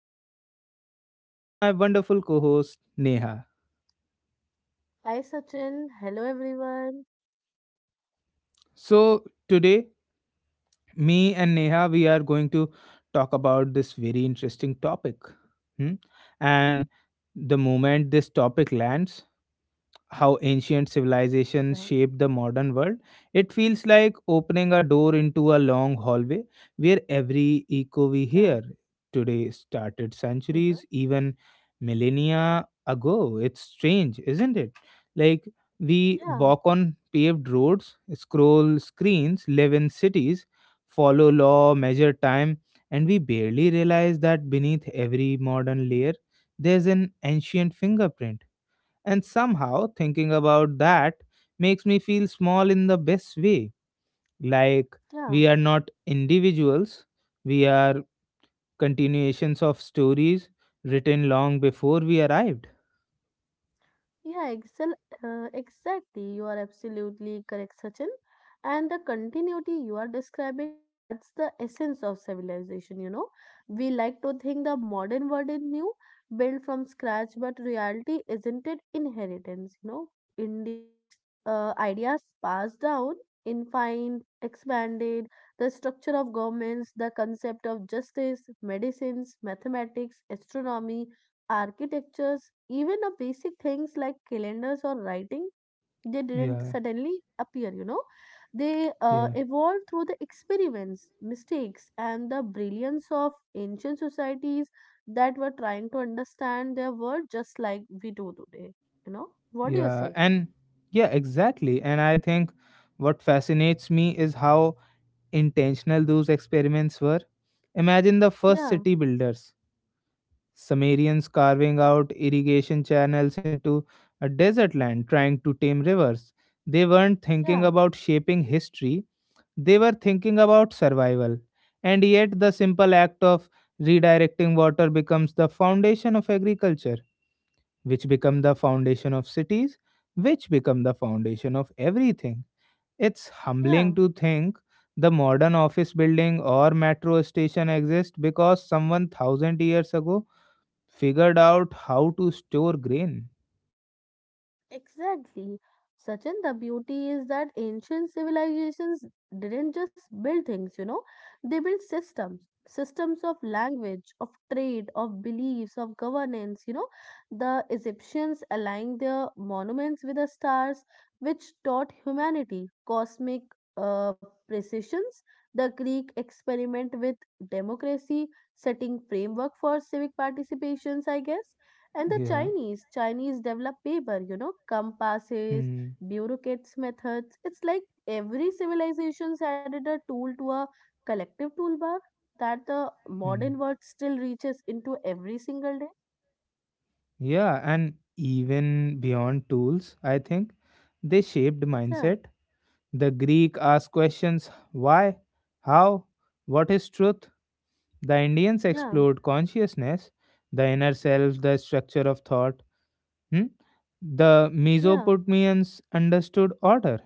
Sachin, and with me is my wonderful co host Neha. Hi Sachin, hello everyone. So, today, me and Neha, we are going to talk about this very interesting topic. Hmm? And the moment this topic lands, how ancient Yeah, civilizations shaped the modern world, it feels like opening a door into a long hallway where every yeah, echo we hear today started mhm. centuries, even millennia ago. It's strange, isn't it? Like we yeah, walk on paved roads, scroll screens, live in cities, follow law, measure time, and we barely realize that beneath every modern layer there's an ancient fingerprint, and somehow, thinking about that makes me feel small in the best way. Like yeah. we are not individuals, we are continuations of stories written long before we arrived. Yeah, excel, exactly. You are absolutely correct, Sachin. And the continuity you are describing, that's the essence of civilization, We like to think the modern world is new, built from scratch, but reality isn't it inheritance, India ideas passed down, infined, expanded, the structure of governments, the concept of justice, medicines, mathematics, astronomy, architectures, even a basic things like calendars or writing, they didn't Yeah, suddenly appear, They yeah, evolved through the experiments, mistakes, and the brilliance of ancient societies that were trying to understand their world just like we do today, What do you yeah. say? And yeah, exactly. And I think what fascinates me is how intentional those experiments were. Imagine the first Yeah, city builders. Sumerians carving out irrigation channels into a desert land, trying to tame rivers. They weren't thinking yeah, about shaping history, they were thinking about survival. And yet, the simple act of redirecting water becomes the foundation of agriculture, which become the foundation of cities, which become the foundation of everything. It's yeah. humbling to think the modern office building or metro station exists because someone thousand years ago figured out how to store grain. Exactly. Sachin, the beauty is that ancient civilizations didn't just build things, they built systems, systems of language, of trade, of beliefs, of governance, The Egyptians aligned their monuments with the stars, which taught humanity cosmic uh, precisions. The Greek experiment with democracy, setting framework for civic participations, I guess. And the Yeah. Chinese develop paper, compasses, Hmm. bureaucrats' methods. It's like every civilization's added a tool to a collective toolbar that the Hmm. modern world still reaches into every single day. Yeah, and even beyond tools, I think they shaped Yeah, mindset. The Greek asked questions why, how, what is truth? The Indians yeah, explored consciousness, the inner self, the structure of thought. Hmm? The yeah, Mesopotamians understood order,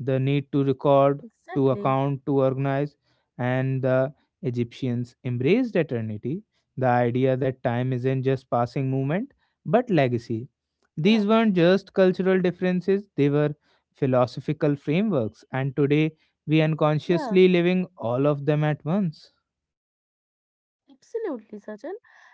the need to record, to exactly. account, to organize, and the Egyptians embraced eternity, the idea that time isn't just passing moment but legacy. Yeah, These weren't just cultural differences, they were philosophical frameworks, and today we yeah. unconsciously living all of them at once. Absolutely, Sachin.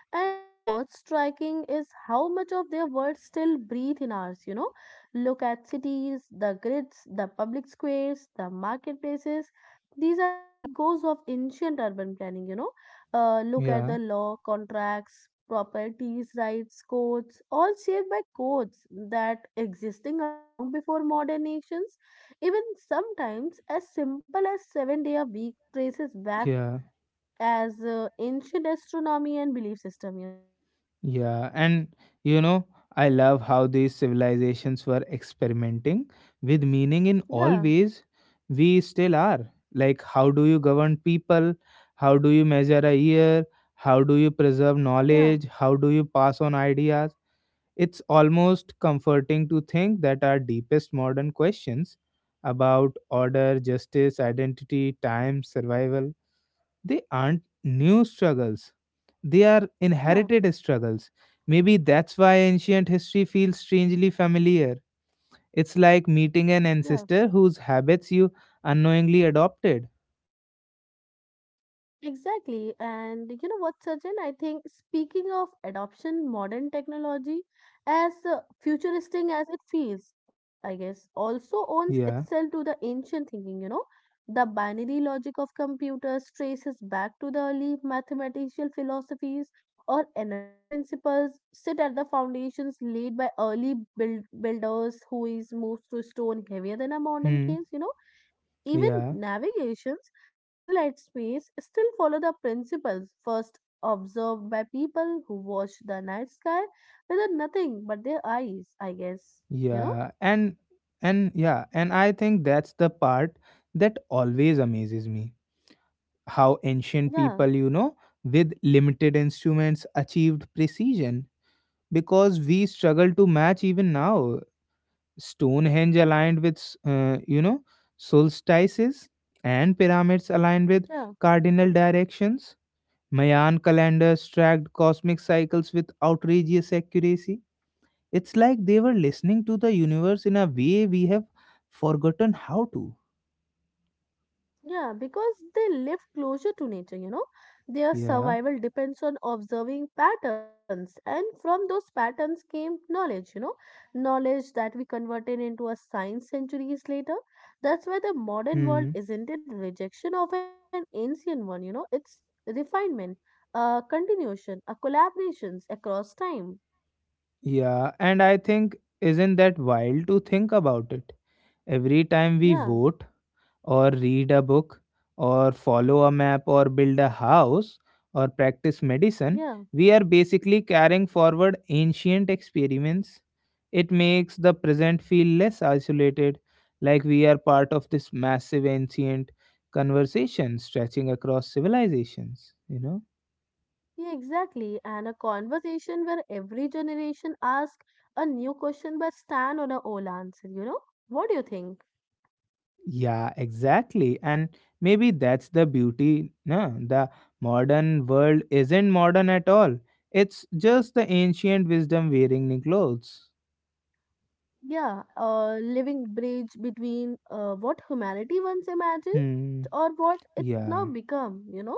And what's striking is how much of their words still breathe in ours, Look at cities, the grids, the public squares, the marketplaces. These are the echoes of ancient urban planning, look at Yeah, the law, contracts, properties, rights, codes, all shaped by codes that existing are long before modern nations. Even sometimes as simple as seven day a week traces back yeah. as ancient astronomy and belief system. Yeah, and you know, I love how these civilizations were experimenting with meaning in all yeah ways we still are. Like, how do you govern people? How do you measure a year? How do you preserve yeah knowledge? How do you pass on ideas? It's almost comforting to think that our deepest modern questions about order, justice, identity, time, survival they aren't new struggles, they are yeah inherited struggles. Maybe that's why ancient history feels strangely familiar. It's like meeting an yeah ancestor whose habits you unknowingly adopted. Exactly. And you know what, Sachin? I think speaking of adoption, modern technology, as futuristic as it feels, I guess, also owns Yeah. itself to the ancient thinking, The binary logic of computers traces back to the early mathematical philosophies or energy principles sit at the foundations laid by early builders who is moved to stone heavier than a modern Hmm. case, even Yeah. navigations, satellite space still follow the principles first observed by people who watch the night sky with nothing but their eyes, I guess. You know? Yeah. And yeah, and I think that's the part that always amazes me. How ancient Yeah, people, with limited instruments achieved precision because we struggle to match even now. Stonehenge aligned with, uh, you know, solstices, and pyramids aligned with yeah. cardinal directions. Mayan calendars tracked cosmic cycles with outrageous accuracy. It's like they were listening to the universe in a way we have forgotten how to. Yeah, because they live closer to nature, Their Yeah. survival depends on observing patterns, and from those patterns came knowledge, knowledge that we converted into a science centuries later. That's why the modern Hmm. world isn't a rejection of an ancient one, it's refinement, a continuation, a collaborations across time. Yeah. And I think, isn't that wild to think about it? Every time we Yeah, vote, or read a book or follow a map or build a house or practice medicine, yeah. we are basically carrying forward ancient experiments. It makes the present feel less isolated, like we are part of this massive ancient conversation stretching across civilizations, you know? Yeah, exactly. And a conversation where every generation asks a new question but stand on a old answer, you know? What do you think? Yeah, exactly. And maybe that's the beauty. No, the modern world isn't modern at all. It's just the ancient wisdom wearing new clothes. Yeah, a living bridge between what humanity once imagined Hmm. or what it has now Yeah. become, you know?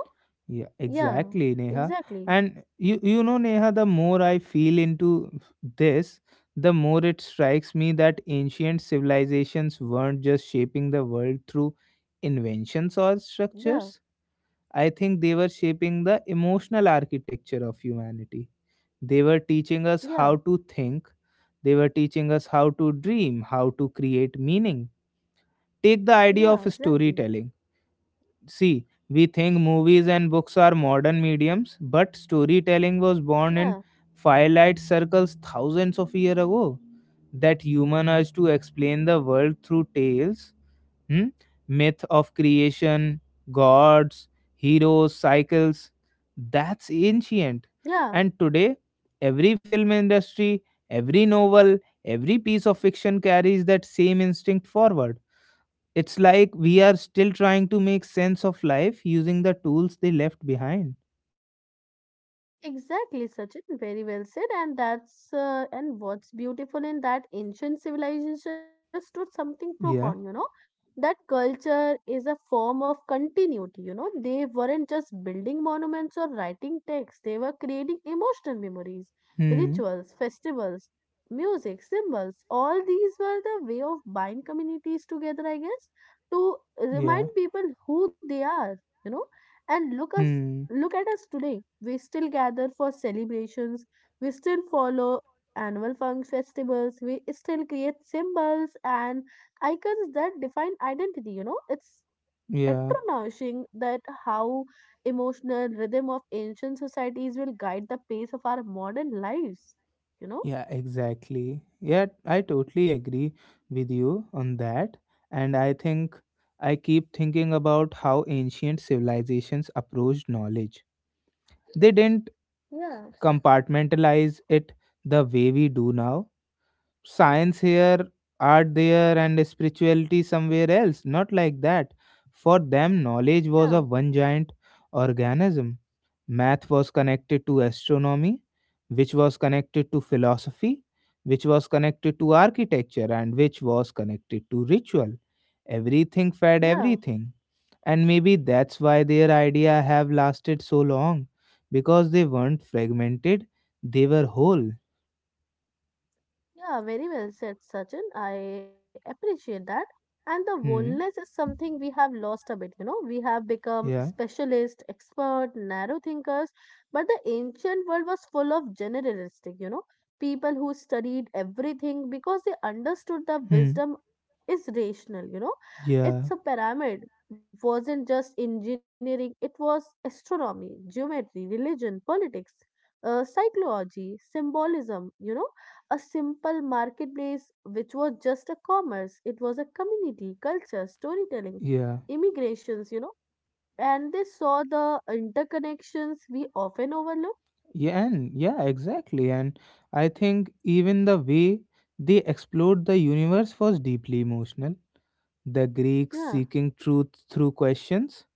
Yeah, Yeah, exactly, Neha. exactly. And you know, Neha, the more I feel into this, the more it strikes me that ancient civilizations weren't just shaping the world through inventions or Yeah, structures. I think they were shaping the emotional architecture of humanity. They were teaching us yeah, how to think. They were teaching us how to dream, how to create meaning. Take the idea of yeah, exactly. storytelling. See, we think movies and books are modern mediums, but storytelling was Yeah, born in firelight circles thousands of years ago. That human urge to explain the world through tales. Hmm? Myth of creation, gods, heroes, cycles. That's ancient. yeah. And today, every film industry, every novel, every piece of fiction carries that same instinct forward. It's like we are still trying to make sense of life using the tools they left behind. Exactly, Sachin. Very well said. And that's and what's beautiful in that ancient civilization understood something Yeah. profound. That culture is a form of continuity. You know they weren't just building monuments or writing texts; they were creating emotional memories, Hmm. rituals, festivals, music, symbols. All these were the way of bind communities together. I guess to remind Yeah. people who they are. You know, and look us Hmm. Look at us today. We still gather for celebrations, we still follow annual fun festivals, we still create symbols and icons that define identity. It's Yeah. astonishing that how emotional rhythm of ancient societies will guide the pace of our modern lives. You know? Yeah, exactly. Yeah, I totally agree with you on that. And I think I keep thinking about how ancient civilizations approached knowledge. They didn't Yeah. compartmentalize it the way we do now, science here, art there, and spirituality somewhere else. Not like that. For them, knowledge was Yeah, a one giant organism. Math was connected to astronomy, which was connected to philosophy, which was connected to architecture, and which was connected to ritual. Everything fed yeah. everything. And maybe that's why their idea have lasted so long. Because they weren't fragmented, they were whole. Yeah, very well said, Sachin. I appreciate that. And the boldness Hmm. is something we have lost a bit, We have become Yeah. specialist, expert, narrow thinkers, but the ancient world was full of generalistic, people who studied everything because they understood the Hmm. wisdom is rational, It's Yeah, a pyramid, wasn't just engineering, it was astronomy, geometry, religion, politics, psychology, symbolism, a simple marketplace which was just a commerce. It was a community, culture, storytelling, yeah, immigrations, And they saw the interconnections we often overlook. yeah, and yeah, exactly. And I think even the way they explored the universe was deeply emotional. The Greeks Yeah, seeking truth through questions,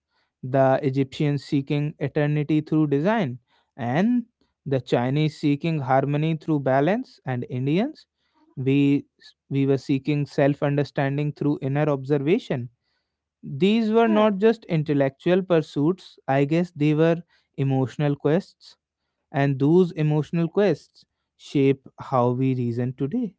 the Egyptians seeking eternity through design, and the Chinese seeking harmony through balance, and Indians, we we were seeking self-understanding through inner observation. These were not yeah. just intellectual pursuits, I guess they were emotional quests, and those emotional quests shape how we reason today.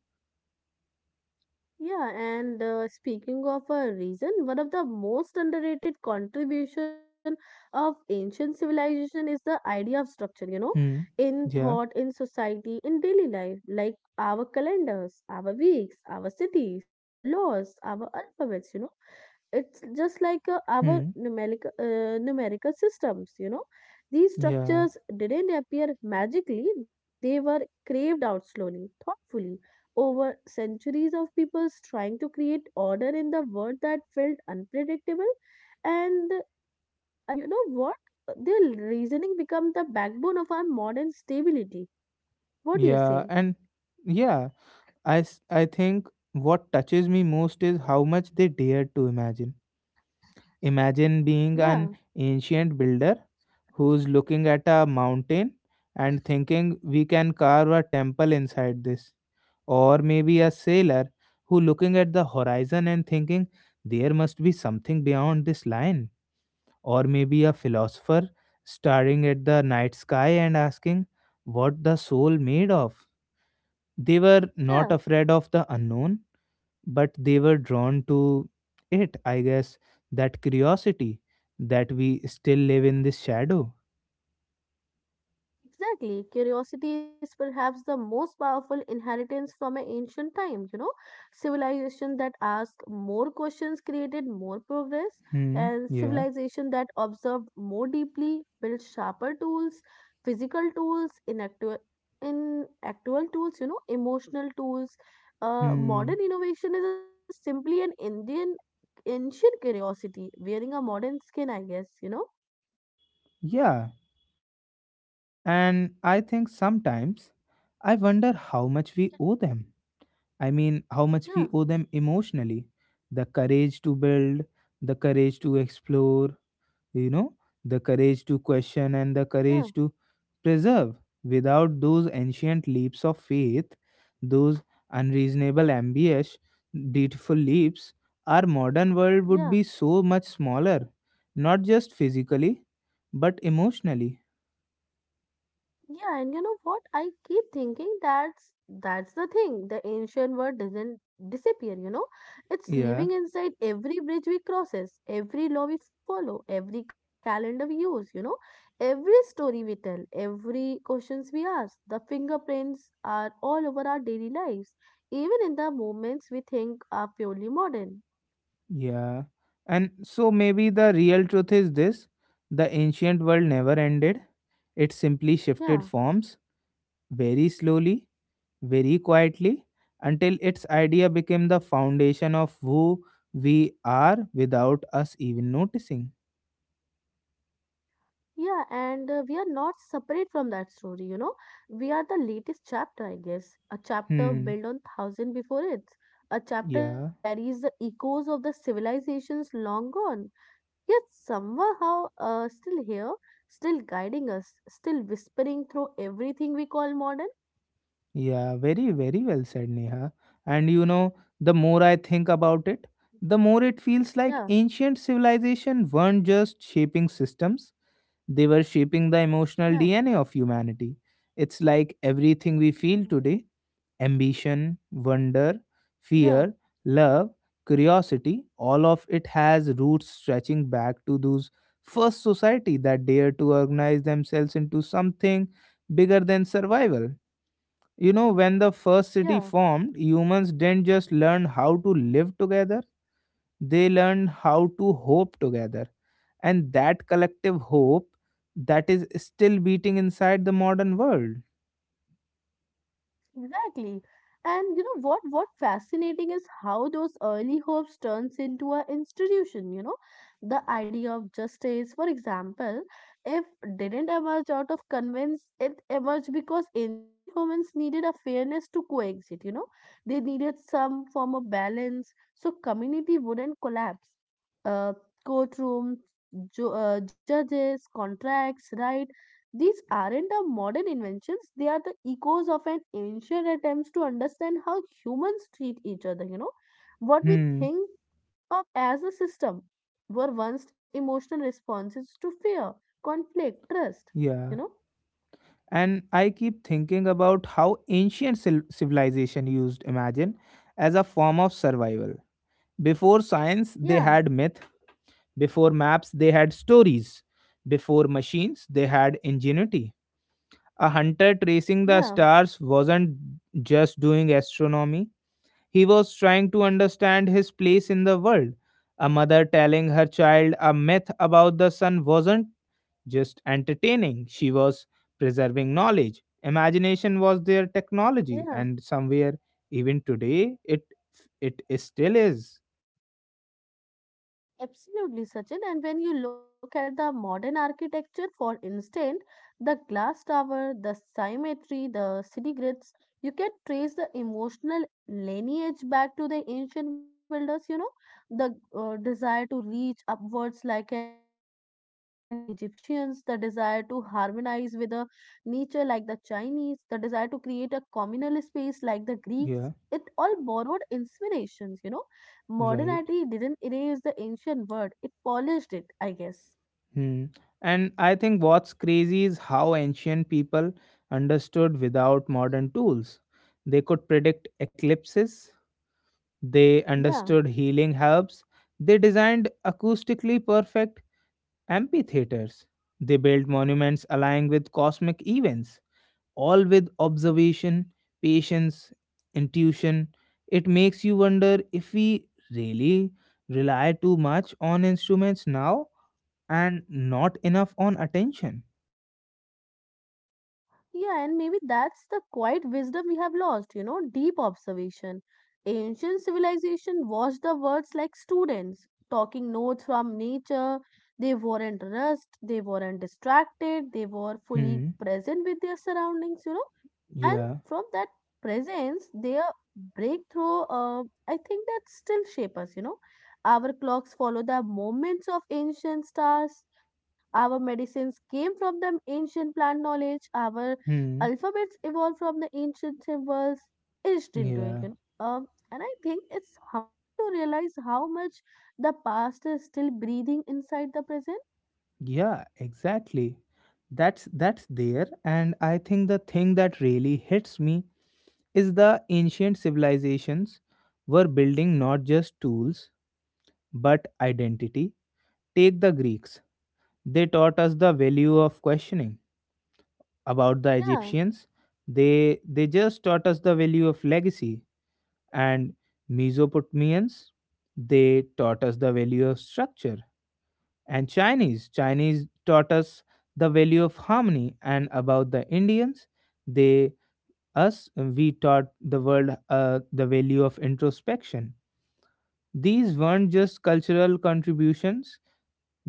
Yeah, and speaking of a reason, one of the most underrated contribution of ancient civilization is the idea of structure, Hmm. in Yeah. thought, in society, in daily life, like our calendars, our weeks, our cities, our laws, our alphabets, It's just like our Hmm. Numerical systems, These Yeah. structures didn't appear magically, they were craved out slowly, thoughtfully over centuries of peoples trying to create order in the world that felt unpredictable and you know what their reasoning become the backbone of our modern stability what do you Yeah. say And yeah, I think what touches me most is how much they dared to imagine. Imagine being an yeah ancient builder who's looking at a mountain and thinking we can carve a temple inside this, or maybe a sailor who looking at the horizon and thinking there must be something beyond this line, or maybe a philosopher staring at the night sky and asking what the soul made of. They were not yeah afraid of the unknown, but they were drawn to it, I guess, that curiosity that we still live in this shadow. Exactly. Curiosity is perhaps the most powerful inheritance from an ancient time, Civilization that asked more questions created more progress, Hmm, and yeah. civilization that observed more deeply built sharper tools, physical tools, in actual tools, emotional tools. Hmm, Modern innovation is a simply an Indian ancient curiosity wearing a modern skin, I guess, yeah. And I think sometimes I wonder how much we owe them. I mean, how much Yeah, we owe them emotionally. The courage to build, the courage to explore, you know the courage to question, and the yeah, courage to preserve. Without those ancient leaps of faith, those unreasonable, ambitious, beautiful leaps, our modern world would yeah. be so much smaller, not just physically but emotionally. Yeah, and you know what? I keep thinking that's the thing. The ancient word doesn't disappear, you know? It's Yeah, living inside every bridge we crosses, every law we follow, every calendar we use, you know? Every story we tell, every questions we ask. The fingerprints are all over our daily lives, even in the moments we think are purely modern. yeah. And so maybe the real truth is this: the ancient world never ended, it simply shifted Yeah. forms, very slowly, very quietly, until its idea became the foundation of who we are without us even noticing. Yeah, and we are not separate from that story, We are the latest chapter, I guess. A chapter Hmm. built on thousand before it. A chapter Yeah. that carries the echoes of the civilizations long gone. Yet somehow still here, still guiding us, still whispering through everything we call modern. Yeah. Very, very well said, Neha. And the more I think about it, the more it feels like Yeah, ancient civilization weren't just shaping systems, they were shaping the emotional yeah, DNA of humanity. It's like everything we feel today, ambition, wonder, yeah, fear, love, curiosity, all of it has roots stretching back to those first society that dared to organize themselves into something bigger than survival. When the first yeah. city formed, humans didn't just learn how to live together, they learned how to hope together. And that collective hope that is still beating inside the modern world. Exactly. And you know what fascinating is how those early hopes turns into an institution, The idea of justice, for example, if didn't emerge out of convince, it emerged because ancient humans needed a fairness to coexist, They needed some form of balance so community wouldn't collapse. Uh courtrooms, judges, contracts, right? These aren't the modern inventions, they are the echoes of an ancient attempts to understand how humans treat each other, What we Hmm. think of as a system were once emotional responses to fear, conflict, trust, you Yeah. know. And I keep thinking about how ancient civilization used imagine as a form of survival. Before science, they Yeah, had myth. Before maps, they had stories. Before machines, they had ingenuity. A hunter tracing yeah, the stars wasn't just doing astronomy, he was trying to understand his place in the world. A mother telling her child a myth about the sun wasn't just entertaining, she was preserving knowledge. Imagination was their yeah. technology, and somewhere, even today, it still is. Absolutely, Sachin. And when you look at the modern architecture, for instance, the glass tower, the symmetry, the city grids, you can trace the emotional lineage back to the ancient builders. The desire to reach upwards like an Egyptians, the desire to harmonize with the nature like the Chinese, the desire to create a communal space like the Greeks. It all Yeah, borrowed inspirations, modernity didn't right. erase the ancient word, it polished it, I guess. Hmm. And I think what's crazy is how ancient people understood without modern tools. They could predict eclipses, they Yeah, understood healing herbs, they designed acoustically perfect amphitheaters, they built monuments aligning with cosmic events, all with yeah. observation, patience, intuition. It makes you wonder if we really rely too much on instruments now and not enough on attention. Yeah, and maybe that's the quiet wisdom we have lost, deep observation. Ancient civilization watched the words like students, talking notes from nature. They weren't rushed, they weren't distracted, they were fully Hmm. present with their surroundings, And Yeah. from that presence, breakthrough, uh, I think that still shape us, Our clocks follow the movements of ancient stars, our medicines came from the ancient plant knowledge. Our Hmm. alphabets evolved from the ancient symbols etched into it. Yeah. You know? um, and I think it's humbly to realize how much the past is still breathing inside the present. Yeah. Exactly. That's there, and I think the thing that really hits me is the ancient civilizations were building not just tools but identity. Take the Greeks; they taught us the value of questioning. About the Yeah, Egyptians, they just taught us the value of legacy. And Mesopotamians, they taught us the value of structure, and Chinese taught us the value of harmony, and about the Indians, they, us, we taught the world, the value of introspection. These weren't just cultural contributions,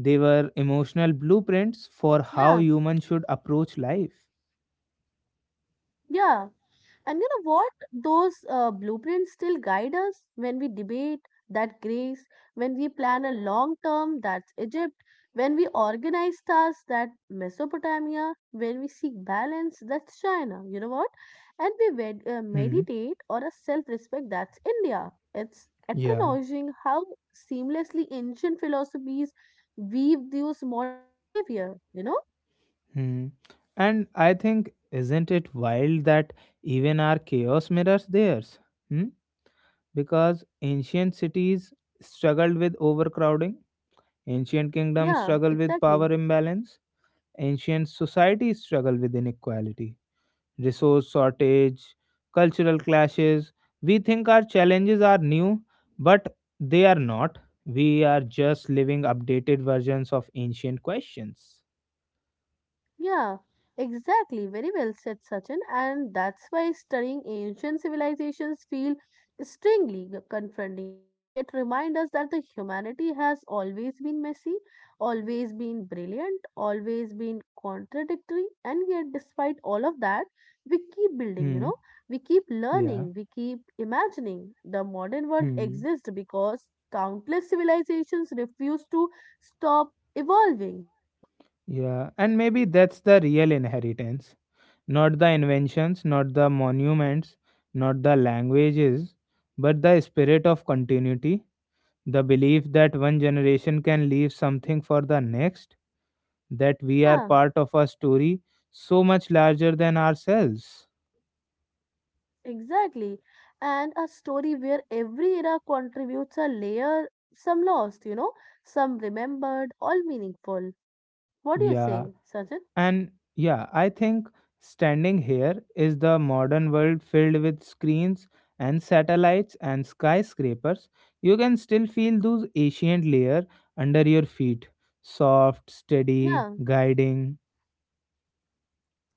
they were emotional blueprints for yeah, how humans should approach life. yeah. And you know what? Those blueprints still guide us when we debate that grace, when we plan a long term, that's Egypt, when we organize tasks, that Mesopotamia, when we seek balance, that's China. You know what? And we Hmm. meditate or a self respect, that's India. It's Yeah. astonishing how seamlessly ancient philosophies weave those modern behavior, you know? Hmm. And I think, isn't it wild that even our chaos mirrors theirs? Hmm? Because ancient cities struggled with overcrowding, ancient kingdoms Yeah, struggle with exactly. power imbalance, ancient societies struggle with inequality, resource shortage, cultural clashes. We think our challenges are new, but they are not. We are just living updated versions of ancient questions. Yeah, exactly. Very well said, Sachin. And that's why studying ancient civilizations feel strangely confronting. You know, it reminds us that the humanity has always been messy, always been brilliant, always been contradictory, and yet, despite all of that, we keep building. Hmm. We keep Yeah. learning, we keep imagining. The modern world Hmm. exists because countless civilizations refuse to stop evolving. You know, Yeah, and maybe that's the real inheritance. Not the inventions, not the monuments, not the languages, but the spirit of continuity, the belief that one generation can leave something for the next, that we are yeah. part of a story so much larger than ourselves. Exactly. And a story where every era contributes a layer, some lost, some remembered, all meaningful. What do you Yeah, say, Sachin? I think standing here is the modern world filled with screens and satellites and skyscrapers. You can still feel those ancient layer under your feet. Soft, steady, Yeah. guiding.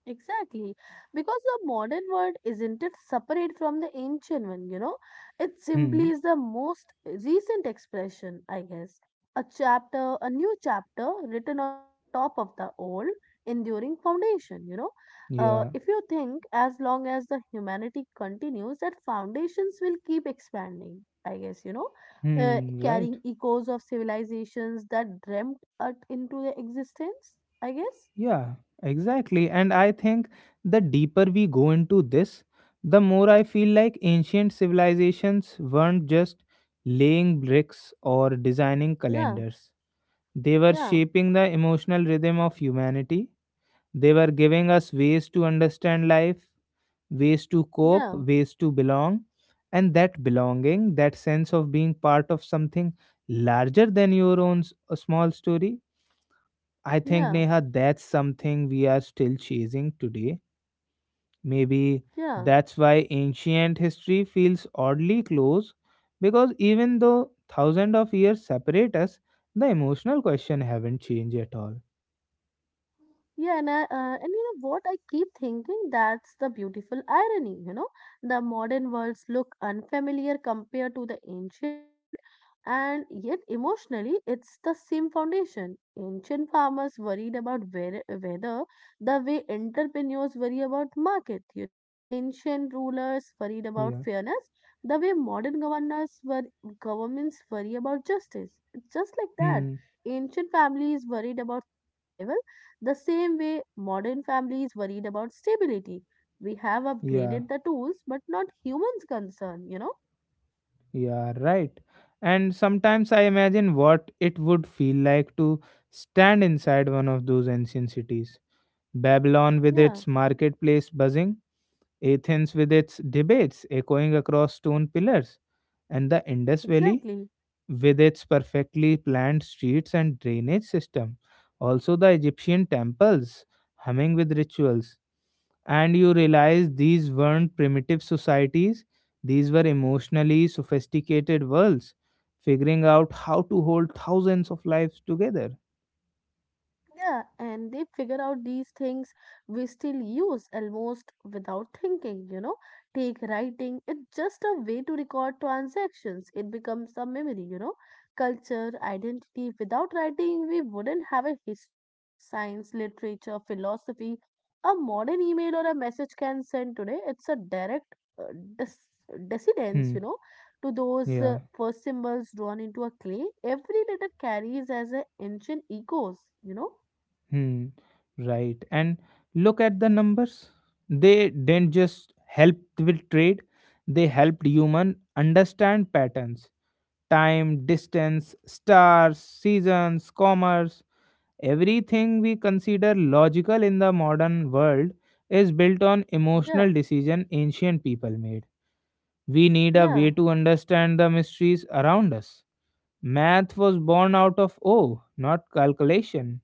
Exactly, because the modern world isn't it separate from the ancient one, you know? It Hmm. simply is the most recent expression, I guess. A chapter, a new chapter written on the top of the old, enduring foundation, you know? Yeah. If you think as long as the humanity continues, that foundations will keep expanding, I guess, you know? Hmm. Right. Carrying echoes of civilizations that dreamt it into the existence, I guess. Yeah, exactly. And I think the deeper we go into this, the more I feel like ancient civilizations weren't just laying bricks or designing Yeah, calendars. They were yeah, shaping the emotional rhythm of humanity. They were giving us ways to understand life, ways to cope, yeah. ways to belong. And that belonging, that sense of being part of something larger than your own a small story, I think, Yeah, Neha, that's something we are still chasing today. Maybe yeah. that's why ancient history feels oddly close because even though thousands of years separate us, the emotional question haven't changed at all. Yeah, and you know what? I keep thinking that's the beautiful irony, you know. The modern worlds look unfamiliar compared to the ancient and yet emotionally it's the same foundation. Ancient farmers worried about weather the way entrepreneurs worry about market, you know. Ancient rulers worried about Yeah. fairness the way modern governors were governments worry about justice. It's just like that Hmm. ancient families worried about survival the same way modern families worried about stability. We have Yeah. upgraded the tools, but not humans' concern, you know? Yeah, right. And sometimes I imagine what it would feel like to stand inside one of those ancient cities. Babylon with Yeah, its marketplace buzzing, Athens with its debates echoing across stone pillars, and the Indus Valley exactly. with its perfectly planned streets and drainage system. Also, the Egyptian temples humming with rituals, and you realize these weren't primitive societies, these were emotionally sophisticated worlds figuring out how to hold thousands of lives together. Yeah, and they figure out these things we still use almost without thinking, you know. Take writing, it's just a way to record transactions. It becomes a memory, you know. Culture, identity, without writing, we wouldn't have a history, science, literature, philosophy. A modern email or a message can send today, it's a direct uh, dis- descendence, Hmm. you know, to those Yeah. uh, first symbols drawn into a clay. Every letter carries as an ancient echoes, you know. Hmm. Right. And look at the numbers. They didn't just help with trade, they helped human understand patterns, time, distance, stars, seasons, commerce. Everything we consider logical in the modern world is built on emotional Yeah, decision ancient people made. We need a way yeah. to understand the mysteries around us. Math was born out of awe, not calculation.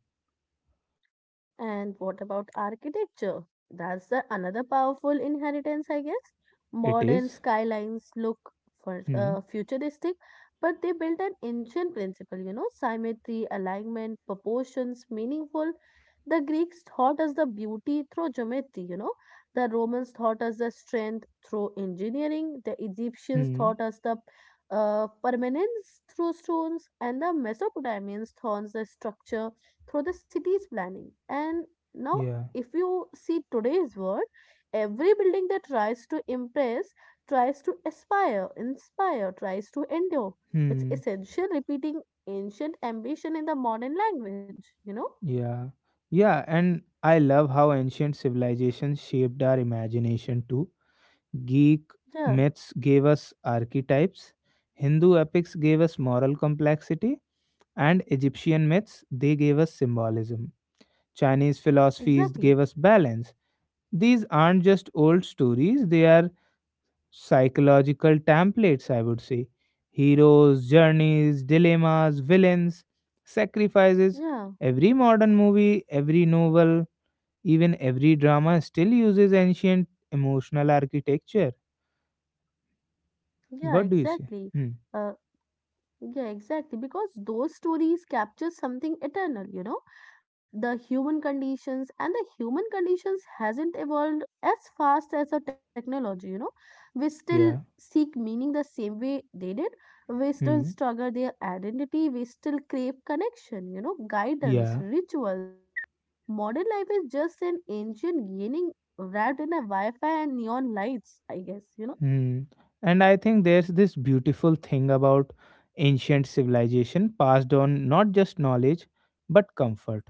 And what about architecture? That's the another powerful inheritance, I guess. It Modern is. skylines look for Hmm. Futuristic, but they built an ancient principle, you know, symmetry, alignment, proportions, meaningful. The Greeks taught us the beauty through geometry, you know. The Romans taught us the strength through engineering. The Egyptians Hmm. taught us the permanence through stones, and the Mesopotamians taught us the structure through the city's planning. And now, Yeah. if you see today's world, every building that tries to impress, tries to aspire, inspire, tries to endure. It's Hmm. essential repeating ancient ambition in the modern language, you know? Yeah. Yeah. And I love how ancient civilizations shaped our imagination too. Greek Yeah, myths gave us archetypes. Hindu epics gave us moral complexity and Egyptian myths, they gave us symbolism. Chinese philosophies exactly. gave us balance. These aren't just old stories, they are psychological templates, I would say. Heroes, journeys, dilemmas, villains, sacrifices. Yeah, Every modern movie, every novel, even every drama still uses ancient emotional architecture. yeah, What do you say? exactly. Hmm. Uh, Yeah, exactly. Because those stories capture something eternal, you know, the human conditions, and the human conditions hasn't evolved as fast as the technology, you know. We still Yeah. seek meaning the same way they did. We still Hmm. struggle their identity. We still crave connection, you know, guidance, Yeah. rituals. Modern life is just an ancient yearning wrapped in a Wi-Fi and neon lights, I guess, you know. Hmm, And I think there's this beautiful thing about ancient civilization passed on not just knowledge but comfort.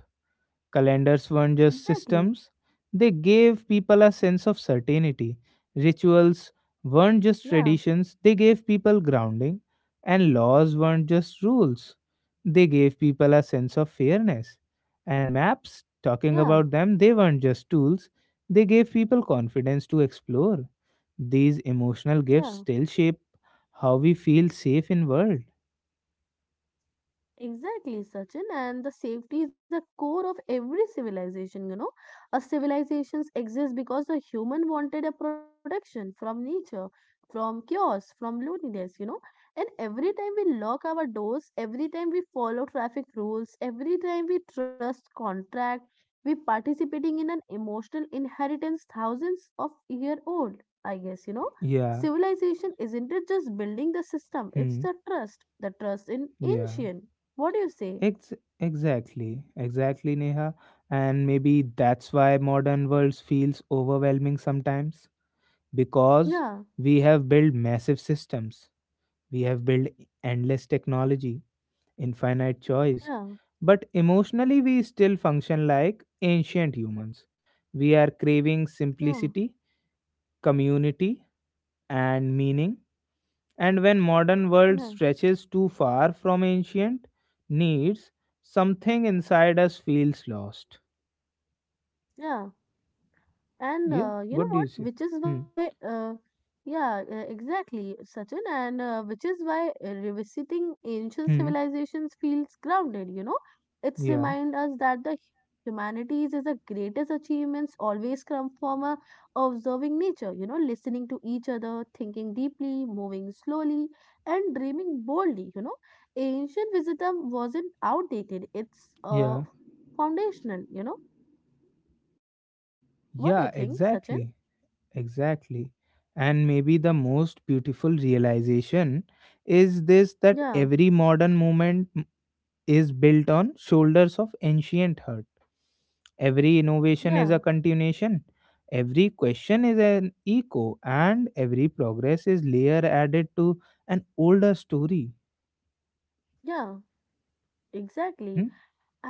Calendars weren't just Exactly. systems, they gave people a sense of certainty. Rituals weren't just Yeah, traditions, they gave people grounding. And laws weren't just rules, they gave people a sense of fairness. And maps, yeah, talking about them, they weren't just tools, they gave people confidence to explore. These emotional gifts yeah. still shape how we feel safe in world. Exactly, Sachin, and the safety is the core of every civilization. You know, a civilizations exist because the human wanted a protection from nature, from chaos, from loneliness. You know, and every time we lock our doors, every time we follow traffic rules, every time we trust contract, we participating in an emotional inheritance thousands of year old. I guess you know. Yeah. Civilization isn't it just building the system, it's Hmm. The trust in Yeah. ancient, what do you say? Ex- exactly, exactly, Neha. And maybe that's why modern world feels overwhelming sometimes because Yeah, we have built massive systems, we have built endless technology, infinite choice, yeah, but emotionally we still function like ancient humans. We are craving yeah, simplicity, community, and meaning, and when modern world yeah, stretches too far from ancient needs, something inside us feels lost. yeah. And Yeah, You know what do you what? say? Hmm. Yeah, exactly, Sachin. And which is why revisiting ancient Hmm. civilizations feels grounded, you know? It's yeah remind us that the humanities is the greatest achievements always come from a observing nature, you know, listening to each other, thinking deeply, moving slowly, and dreaming boldly, you know? Ancient wisdom wasn't outdated, it's yeah foundational, you know? What do you yeah, think, Sachin? exactly, exactly. And maybe the most beautiful realization is this, that Yeah, every modern movement is built on shoulders of ancient hurt. Every yeah. innovation is a continuation, every question is an echo, and every progress is layer added to an older story. Yeah, Hmm? exactly.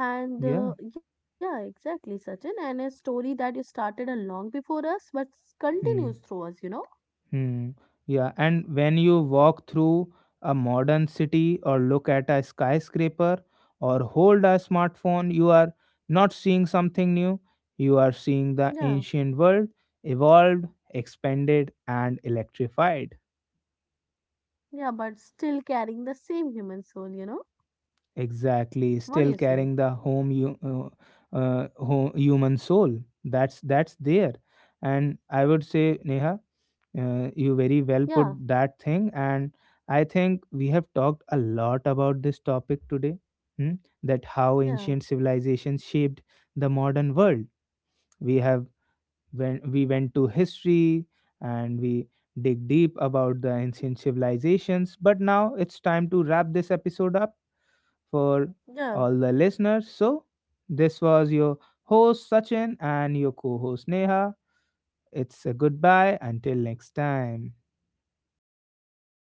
And Yeah. Yeah, exactly, Sachin. And a story that you started a long before us, but continues Hmm. through us, you know? Hmm. Yeah. And when you walk through a modern city or look at a skyscraper or hold a smartphone, you are not seeing something new. You are seeing the Yeah, ancient world evolved, expanded, and electrified. yeah, but still carrying the same human soul, you know? Exactly, What do still you say? carrying the home you ho human soul. That's there, and I would say, Neha, you very well put Yeah, that thing. And I think we have talked a lot about this topic today. Hmm? That how yeah, ancient civilizations shaped the modern world. We have, when we went to history and we dig deep about the ancient civilizations. But now it's time to wrap this episode up for yeah, all the listeners. So, this was your host Sachin and your co host Neha. It's a goodbye until next time. yeah.